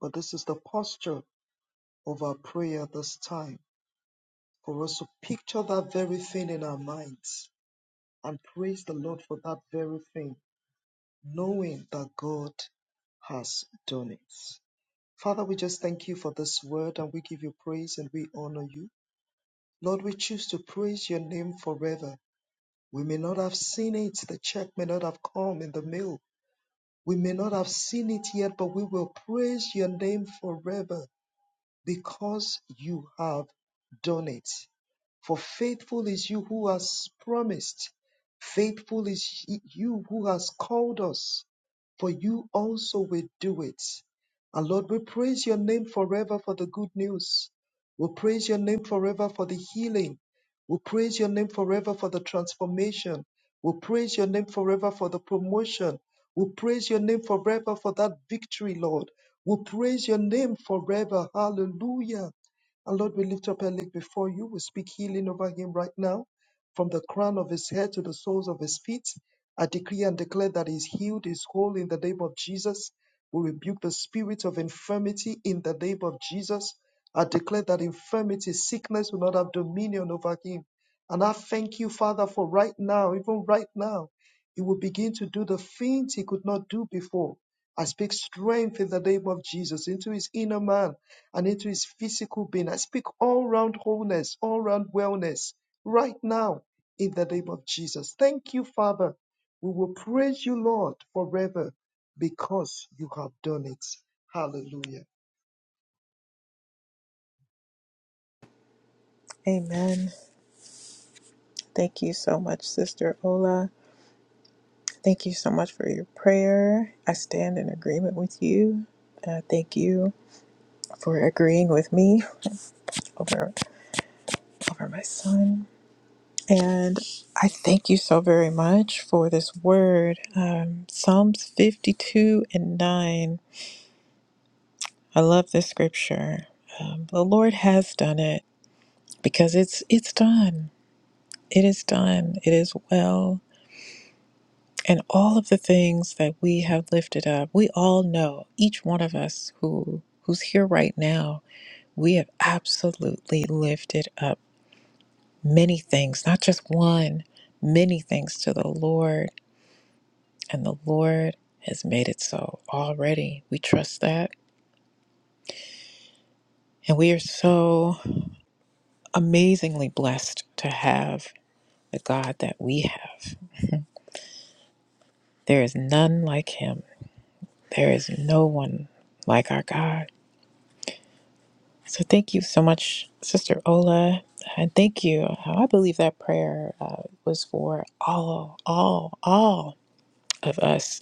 Speaker 3: but this is the posture of our prayer at this time for us to picture that very thing in our minds and praise the Lord for that very thing, knowing that God has done it. Father, we just thank you for this word and we give you praise and we honor you. Lord, we choose to praise your name forever. We may not have seen it, the check may not have come in the mail, We may not have seen it yet, but we will praise your name forever because you have done it. For faithful is you who has promised, faithful is you who has called us, for you also will do it. And Lord, we praise your name forever for the good news. We praise your name forever for the healing. We praise your name forever for the transformation. We praise your name forever for the promotion. We praise your name forever for that victory, Lord. We'll praise your name forever. Hallelujah. And Lord, we lift up Alec before you. We speak healing over him right now, from the crown of his head to the soles of his feet. I decree and declare that he's healed, he's whole in the name of Jesus. We rebuke the spirit of infirmity in the name of Jesus. I declare that infirmity, sickness will not have dominion over him. And I thank you, Father, for right now, even right now, he will begin to do the things he could not do before I speak strength in the name of Jesus into his inner man and into his physical being. I speak all round wholeness, all round wellness right now in the name of Jesus. Thank you, Father. We will praise you, Lord, forever because you have done it. Hallelujah.
Speaker 1: Amen. Thank you so much, Sister Ola. Thank you so much for your prayer. I stand in agreement with you. Uh, thank you for agreeing with me over over my son. And I thank you so very much for this word. Um, Psalms 52 and 9 I love this scripture. Um, the Lord has done it because it's it's done. It is done. It is well. And all of the things that we have lifted up, we all know. Each one of us who who's here right now, we have absolutely lifted up many things, not just one, many things to the Lord, and the Lord has made it so already. We trust that. And we are so amazingly blessed to have the God that we have. There is none like him. There is no one like our God. So thank you so much, Sister Ola, and thank you. I believe that prayer uh, was for all, all, all of us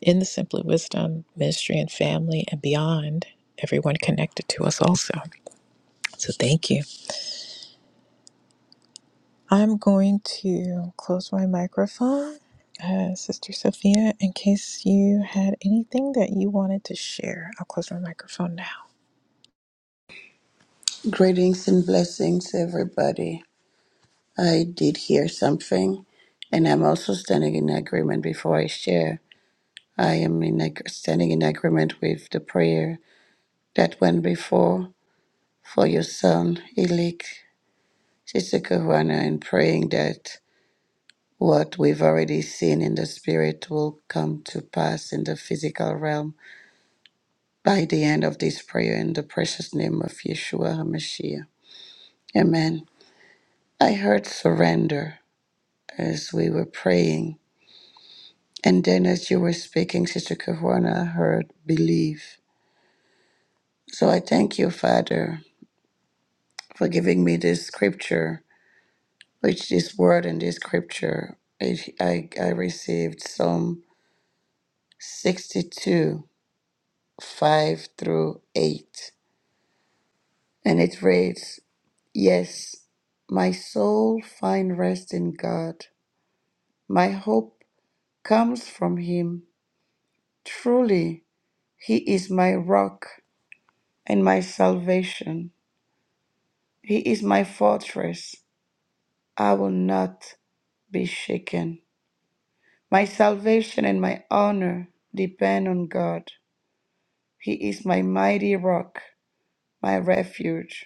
Speaker 1: in the Simply Wisdom ministry and family and beyond, everyone connected to us also. So thank you. I'm going to close my microphone, uh, Sister Sophia, in case you had anything that you wanted to share. I'll close my microphone now.
Speaker 2: Greetings and blessings, everybody. I did hear something, and I'm also standing in agreement before I share. I am in ag- standing in agreement with the prayer that went before for your son, Elik Sisikuhwana, and praying that what we've already seen in the spirit will come to pass in the physical realm. by the end of this prayer in the precious name of Yeshua HaMashiach. Amen. I heard surrender as we were praying. And then as you were speaking, Sister Kavrona, I heard believe. So I thank you, Father, for giving me this scripture, which this word and this scripture, I, I, I received Psalm 62, 5 through 8. And it reads, Yes, my soul find rest in God. My hope comes from him. Truly, he is my rock and my salvation. He is my fortress. I will not be shaken. My salvation and my honor depend on God. He is my mighty rock, my refuge.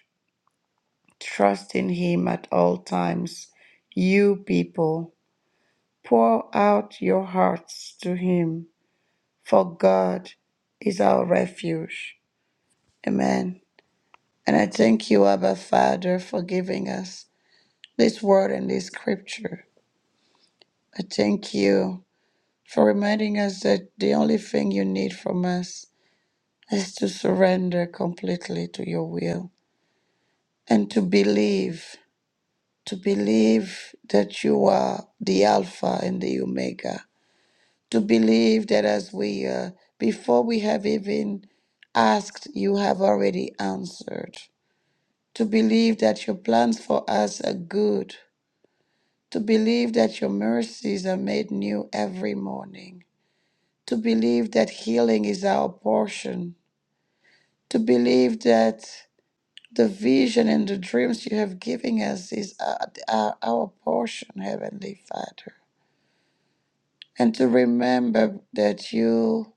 Speaker 2: Trust in Him at all times. You people, pour out your hearts to Him, for God is our refuge. Amen. And I thank you, Abba Father, for giving us this word and this scripture. I thank you for reminding us that the only thing you need from us is to surrender completely to your will and to believe, to believe that you are the Alpha and the Omega, to believe that as we, uh, before we have even asked, you have already answered, to believe that your plans for us are good to believe that your mercies are made new every morning, to believe that healing is our portion, to believe that the vision and the dreams you have given us is our, our, our portion, Heavenly Father, and to remember that you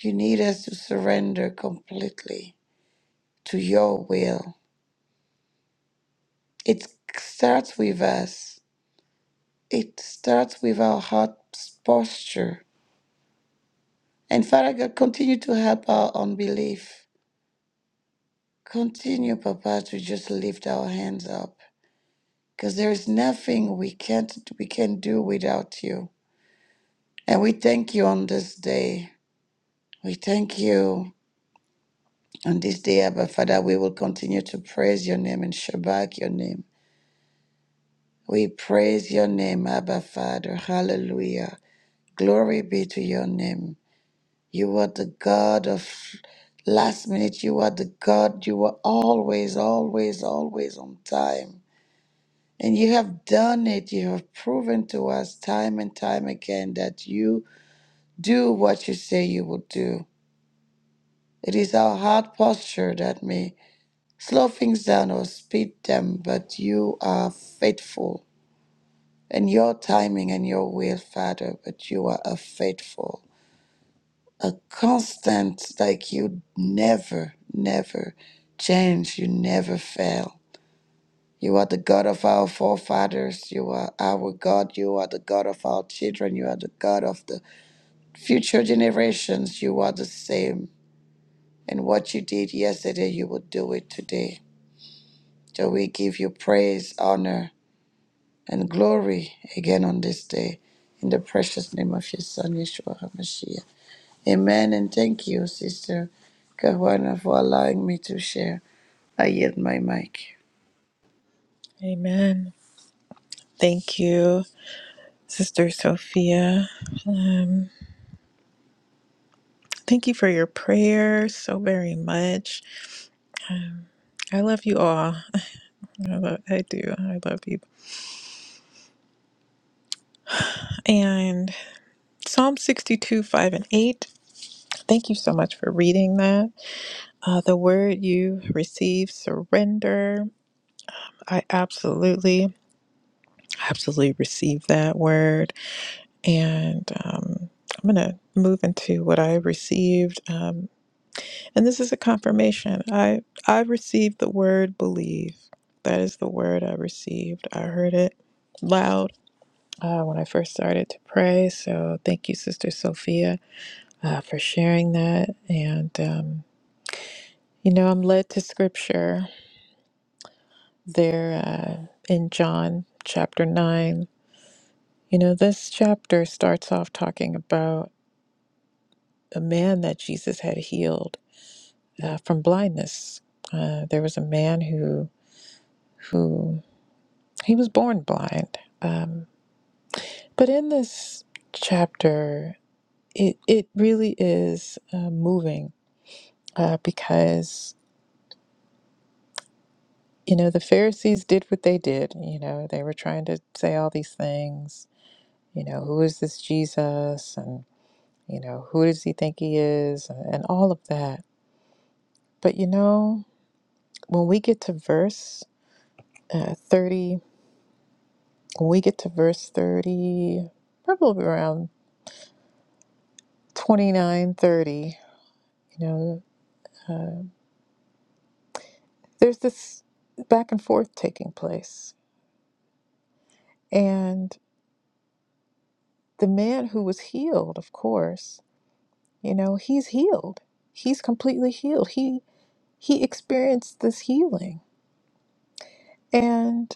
Speaker 2: you need us to surrender completely to your will. It starts with us. It starts with our heart's posture And Father God, continue to help our unbelief. Continue, Papa, to just lift our hands up. Because there is nothing we can't we can do without you. And we thank you on this day. We thank you on this day, Abba Father. We will continue to praise your name and Shabbat your name. We praise your name, Abba Father. Hallelujah. Glory be to your name. You are the God of last minute. You are the God. You are always, always, always on time. And you have done it. You have proven to us time and time again that you do what you say you will do. It is our hard posture that may slow things down or speed them, but you are faithful. And your timing and your will, Father, but you are a faithful. a constant, like you never, never change, you never fail. You are the God of our forefathers. You are our God. You are the God of our children. You are the God of the future generations. You are the same. And what you did yesterday, you will do it today. So we give you praise, honor, and glory again on this day. In the precious name of your Son, Yeshua HaMashiach. Amen. And thank you, Sister Kawana, for allowing me to share. I yield my mic.
Speaker 1: Amen. Thank you, Sister Sophia. Um, thank you for your prayer so very much. Um, I love you all. I, love, I do. I love you. And Psalm 62, 5 and 8. Thank you so much for reading that. Uh, the word you receive, surrender. I absolutely, absolutely received that word. And um, I'm going to move into what I received. Um, and this is a confirmation. I, I received the word believe. That is the word I received. I heard it loud uh, when I first started to pray. So thank you, Sister Sophia, uh, for sharing that. And, um, you know, I'm led to scripture there uh, in John chapter 9 You know, this chapter starts off talking about a man that Jesus had healed uh, from blindness. Uh, there was a man who who he was born blind. Um, but in this chapter, it it really is uh, moving uh, because you know the Pharisees did what they did. You know, they were trying to say all these things. You know, who is this Jesus? And you know, who does he think he is? And, and all of that. But you know. when we get to verse uh, 30, when we get to verse 30, probably around 29, 30, you know, uh, there's this back and forth taking place. And the man who was healed, of course, you know, he's healed. He's completely healed. He he experienced this healing. And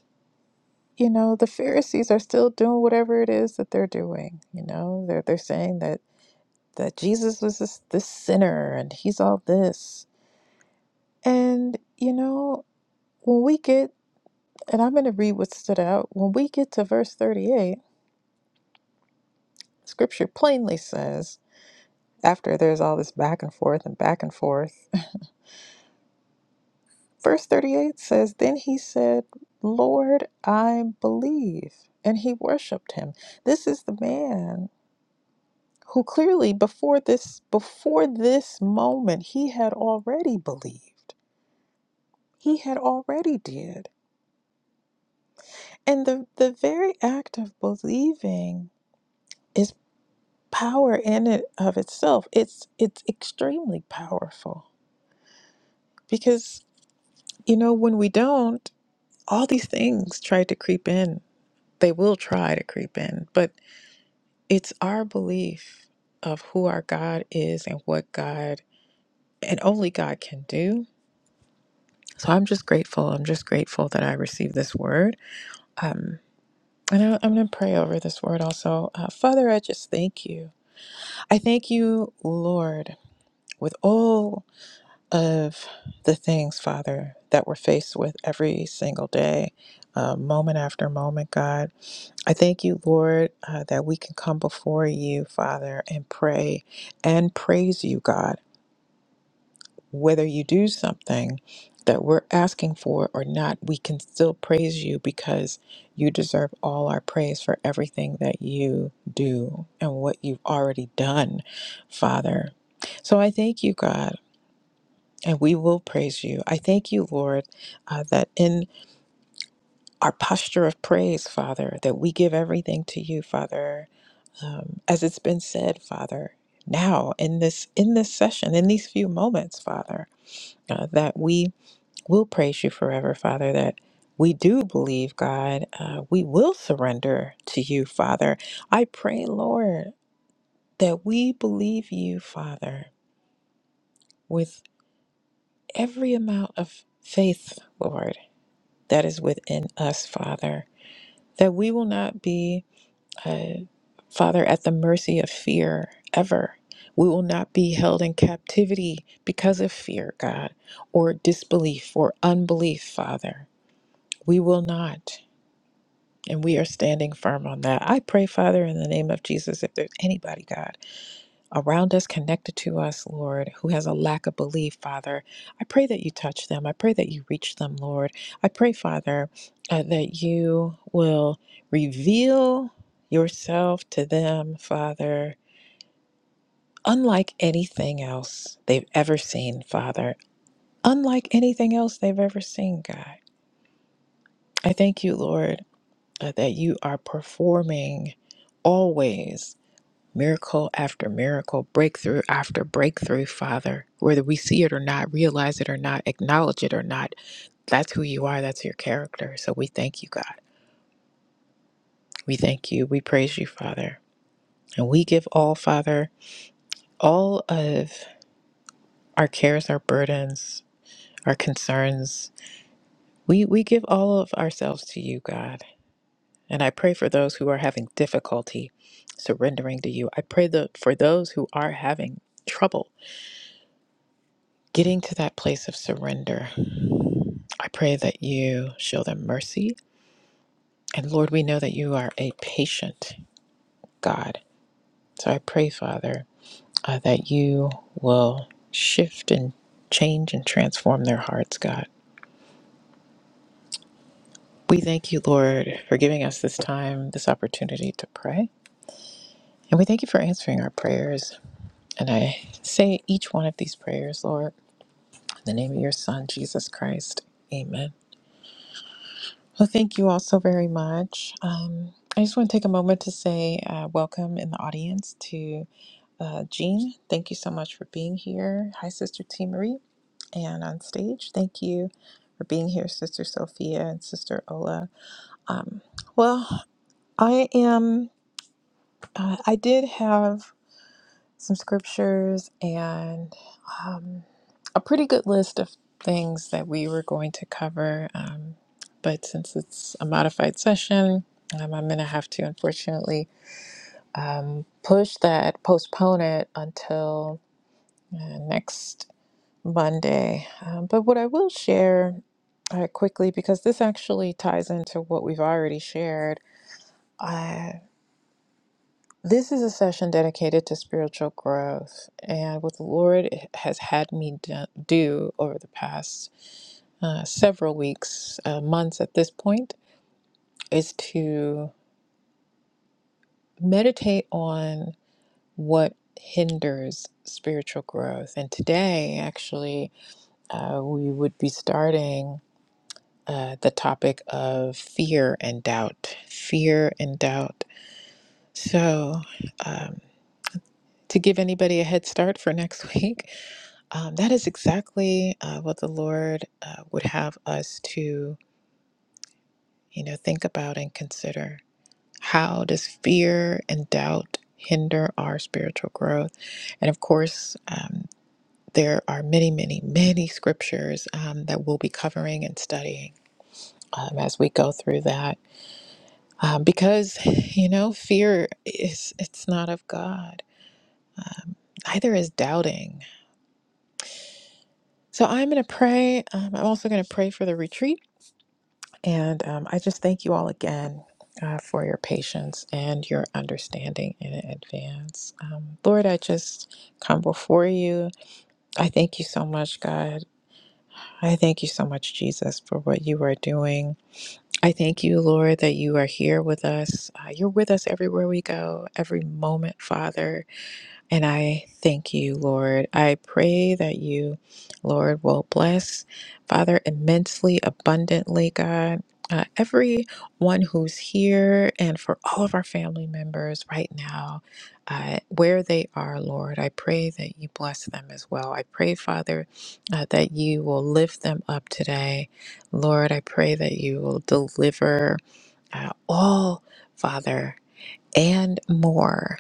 Speaker 1: you know, the Pharisees are still doing whatever it is that they're doing, you know. They're they're saying that that Jesus was this, this sinner and he's all this. And, you know, when we get, and I'm going to read what stood out, when we get to verse 38, scripture plainly says, after there's all this back and forth and back and forth, verse 38 says, Then he said, Lord, I believe. And he worshiped him. This is the man who clearly before this before this moment he had already believed. He had already did. And the, the very act of believing is power in and of itself. It's it's extremely powerful because you know when we don't, all these things try to creep in. They will try to creep in, but it's our belief of who our God is and what God and only God can do. So I'm just grateful. I'm just grateful that I received this word. Um, and I, I'm going to pray over this word also. Uh, Father, I just thank you. I thank you, Lord, with all of the things, Father, that we're faced with every single day, uh, moment after moment, God. I thank you, Lord, uh, that we can come before you, Father, and pray and praise you, God whether you do something that we're asking for or not, we can still praise you because you deserve all our praise for everything that you do and what you've already done, Father. So I thank you, God, and we will praise you. I thank you, Lord, uh, that in our posture of praise, Father, that we give everything to you, Father, um, as it's been said, Father. Now, in this in this session, in these few moments, Father, uh, that we We'll praise you forever, Father, that we do believe, God. Uh, we will surrender to you, Father. I pray, Lord, that we believe you, Father, with every amount of faith, Lord, that is within us, Father, that we will not be, uh, Father, at the mercy of fear ever. We will not be held in captivity because of fear, God, or disbelief or unbelief, Father. We will not. And we are standing firm on that. I pray, Father, in the name of Jesus, if there's anybody, God, around us, connected to us, Lord, who has a lack of belief, Father, I pray that you touch them. I pray that you reach them, Lord. I pray, Father, uh, that you will reveal yourself to them, Father, unlike anything else they've ever seen, Father, unlike anything else they've ever seen, God. I thank you, Lord, uh, that you are performing always miracle after miracle, breakthrough after breakthrough, Father. Whether we see it or not, realize it or not, acknowledge it or not, that's who you are. That's your character. So we thank you, God. We thank you. We praise you, Father. And we give all, Father, all of our cares, our burdens, our concerns. We, we give all of ourselves to you, God. And I pray for those who are having difficulty surrendering to you. I pray that for those who are having trouble getting to that place of surrender, I pray that you show them mercy. And Lord, we know that you are a patient God. So I pray, Father, uh, that you will shift and change and transform their hearts, God. We thank you, Lord, for giving us this time, this opportunity to pray. And we thank you for answering our prayers. And I say each one of these prayers, Lord, in the name of your Son, Jesus Christ. Amen. Well, thank you all so very much. Um, I just want to take a moment to say uh, welcome in the audience to uh, Jean. Thank you so much for being here. Hi, Sister T. Marie. And on stage, thank you for being here, Sister Sophia and Sister Ola. Um, well, I am, uh, I did have some scriptures and um, a pretty good list of things that we were going to cover. Um, but since it's a modified session, um, I'm going to have to unfortunately um, push that, postpone it until uh, next Monday. Um, but what I will share uh, quickly, because this actually ties into what we've already shared. uh, This is a session dedicated to spiritual growth and what the Lord has had me do do over the past uh, several weeks, uh, months at this point, is to meditate on what hinders spiritual growth. And today, actually, uh, we would be starting uh, the topic of fear and doubt. Fear and doubt. So, um, to give anybody a head start for next week, Um, that is exactly uh, what the Lord uh, would have us to, you know, think about and consider. How does fear and doubt hinder our spiritual growth? And of course, um, there are many, many, many scriptures um, that we'll be covering and studying um, as we go through that, um, because you know, fear is it's not of God. Uh, neither is doubting. So I'm going to pray. Um, I'm also going to pray for the retreat. And um, I just thank you all again uh, for your patience and your understanding in advance. Um, Lord, I just come before you. I thank you so much, God. I thank you so much, Jesus, for what you are doing. I thank you, Lord, that you are here with us. Uh, you're with us everywhere we go, every moment, Father and I thank you, Lord. I pray that you, Lord, will bless, Father, immensely, abundantly, God. Uh, everyone who's here and for all of our family members right now, uh, where they are, Lord, I pray that you bless them as well. I pray, Father, uh, that you will lift them up today. Lord, I pray that you will deliver uh, all, Father, and more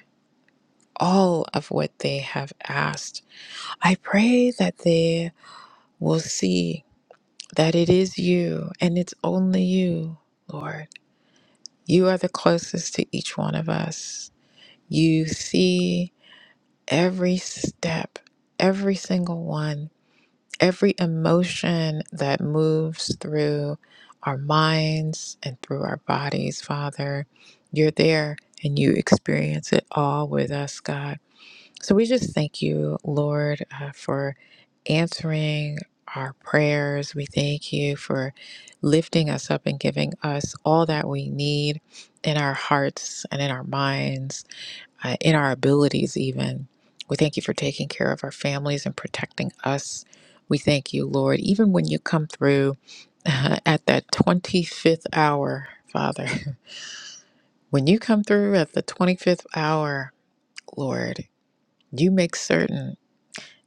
Speaker 1: all of what they have asked. I pray that they will see that it is you and it's only you, Lord. You are the closest to each one of us. You see every step, every single one, every emotion that moves through our minds and through our bodies, Father. You're there and you experience it all with us, God. So we just thank you, Lord, uh, for answering our prayers. We thank you for lifting us up and giving us all that we need in our hearts and in our minds, uh, in our abilities, even. We thank you for taking care of our families and protecting us. We thank you, Lord, even when you come through uh, at that 25th hour, Father. When you come through at the 25th hour, Lord, you make certain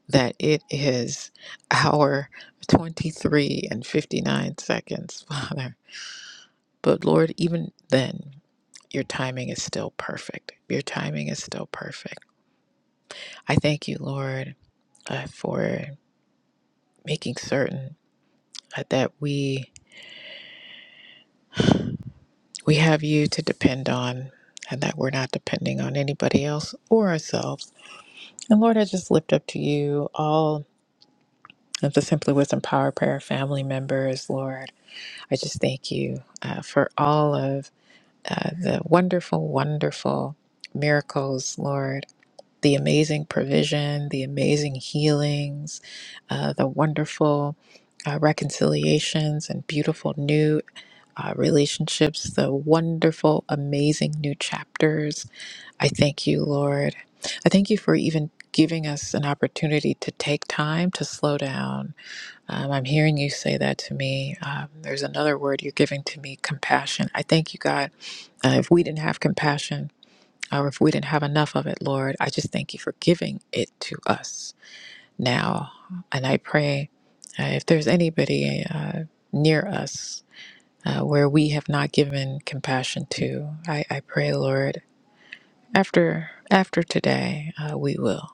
Speaker 1: that it is hour 23 and 59 seconds, Father. But Lord, even then, your timing is still perfect. Your timing is still perfect. I thank you, Lord, uh, for making certain uh, that we we have you to depend on and that we're not depending on anybody else or ourselves. And Lord, I just lift up to you all of the Simply Wisdom Power Prayer family members, Lord. I just thank you uh, for all of uh, the wonderful, wonderful miracles, Lord, the amazing provision, the amazing healings, uh, the wonderful uh, reconciliations and beautiful new uh, relationships, the wonderful, amazing new chapters. I thank you, Lord. I thank you for even giving us an opportunity to take time to slow down. Um, I'm hearing you say that to me. Um, there's another word you're giving to me compassion. I thank you, God uh, if we didn't have compassion or if we didn't have enough of it, Lord, I just thank you for giving it to us now. And I pray uh, if there's anybody uh, near us uh, where we have not given compassion to, I, I pray, Lord, after after today, uh, we will.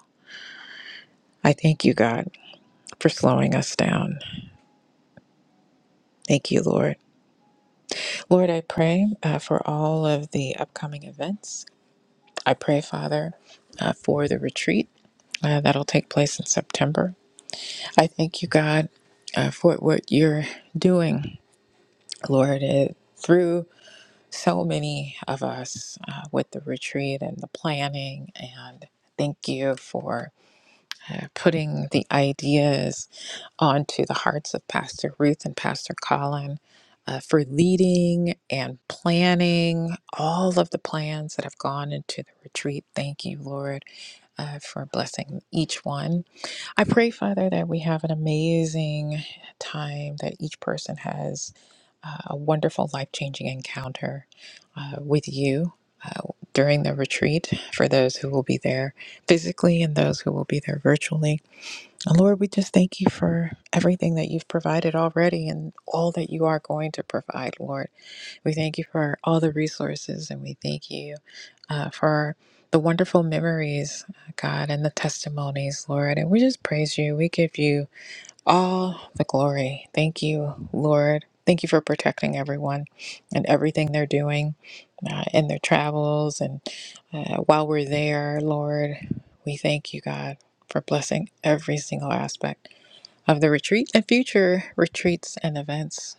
Speaker 1: I thank you, God, for slowing us down. Thank you, Lord. Lord, I pray uh, for all of the upcoming events. I pray, Father, uh, for the retreat. Uh, that'll take place in September. I thank you, God, uh, for what you're doing, Lord, uh, through so many of us uh, with the retreat and the planning. And thank you for uh, putting the ideas onto the hearts of Pastor Ruth and Pastor Colin. Uh, for leading and planning all of the plans that have gone into the retreat. Thank you, Lord, uh, for blessing each one I pray, Father, that we have an amazing time, that each person has uh, a wonderful, life changing encounter uh, with you uh, during the retreat for those who will be there physically and those who will be there virtually. And Lord, we just thank you for everything that you've provided already and all that you are going to provide, Lord. We thank you for all the resources and we thank you uh, for the wonderful memories, uh, God, and the testimonies, Lord. And we just praise you. We give you all the glory. Thank you, Lord. Thank you for protecting everyone and everything they're doing uh, in their travels. And uh, while we're there, Lord, we thank you, God, for blessing every single aspect of the retreat and future retreats and events.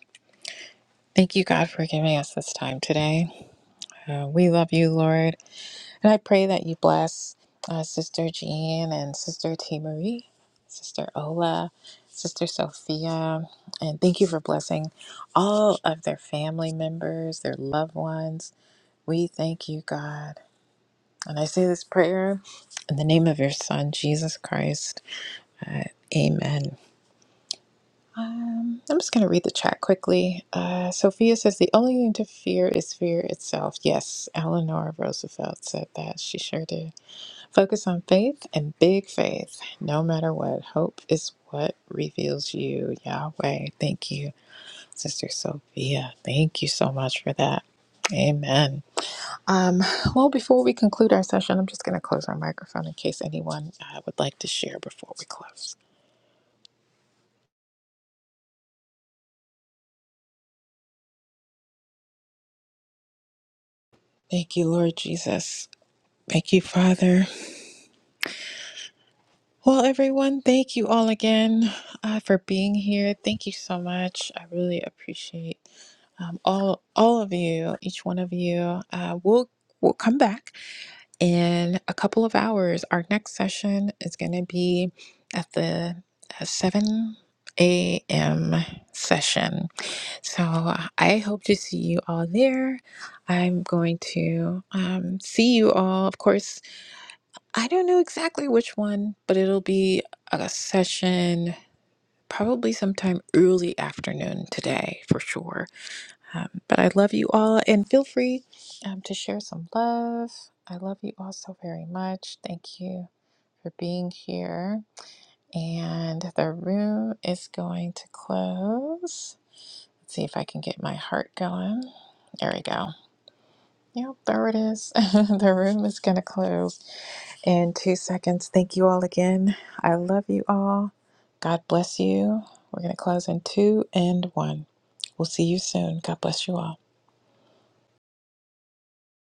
Speaker 1: Thank you, God, for giving us this time today. Uh, we love you, Lord. And I pray that you bless uh, Sister Jean and Sister T. Marie, Sister Ola, Sister Sophia. And thank you for blessing all of their family members, their loved ones. We thank you, God. And I say this prayer in the name of your Son, Jesus Christ. Amen. Um, I'm just going to read the chat quickly. Uh, Sophia says, The only thing to fear is fear itself. Yes, Eleanor Roosevelt said that. She sure did. Focus on faith and big faith, no matter what. Hope is what reveals you, Yahweh. Thank you, Sister Sophia. Thank you so much for that. Amen. Um, well, before we conclude our session, I'm just going to close our microphone in case anyone uh, would like to share before we close. Thank you, Lord Jesus. Thank you, Father. Well, everyone, thank you all again uh, for being here. Thank you so much. I really appreciate um, all all of you, each one of you, uh, will will come back in a couple of hours. Our next session is going to be at the uh, seven a.m. session. So uh, I hope to see you all there. I'm going to um, see you all. Of course, I don't know exactly which one, but it'll be a session. Probably sometime early afternoon today for sure um, but I love you all and feel free um, to share some love. I love you all so very much. Thank you for being here. And the room is going to close. Let's see if I can get my heart going. There we go. Yep, there it is. the room is going to close in two seconds. Thank you all again. I love you all. God bless you. We're going to close in two and one. We'll see you soon. God bless you all.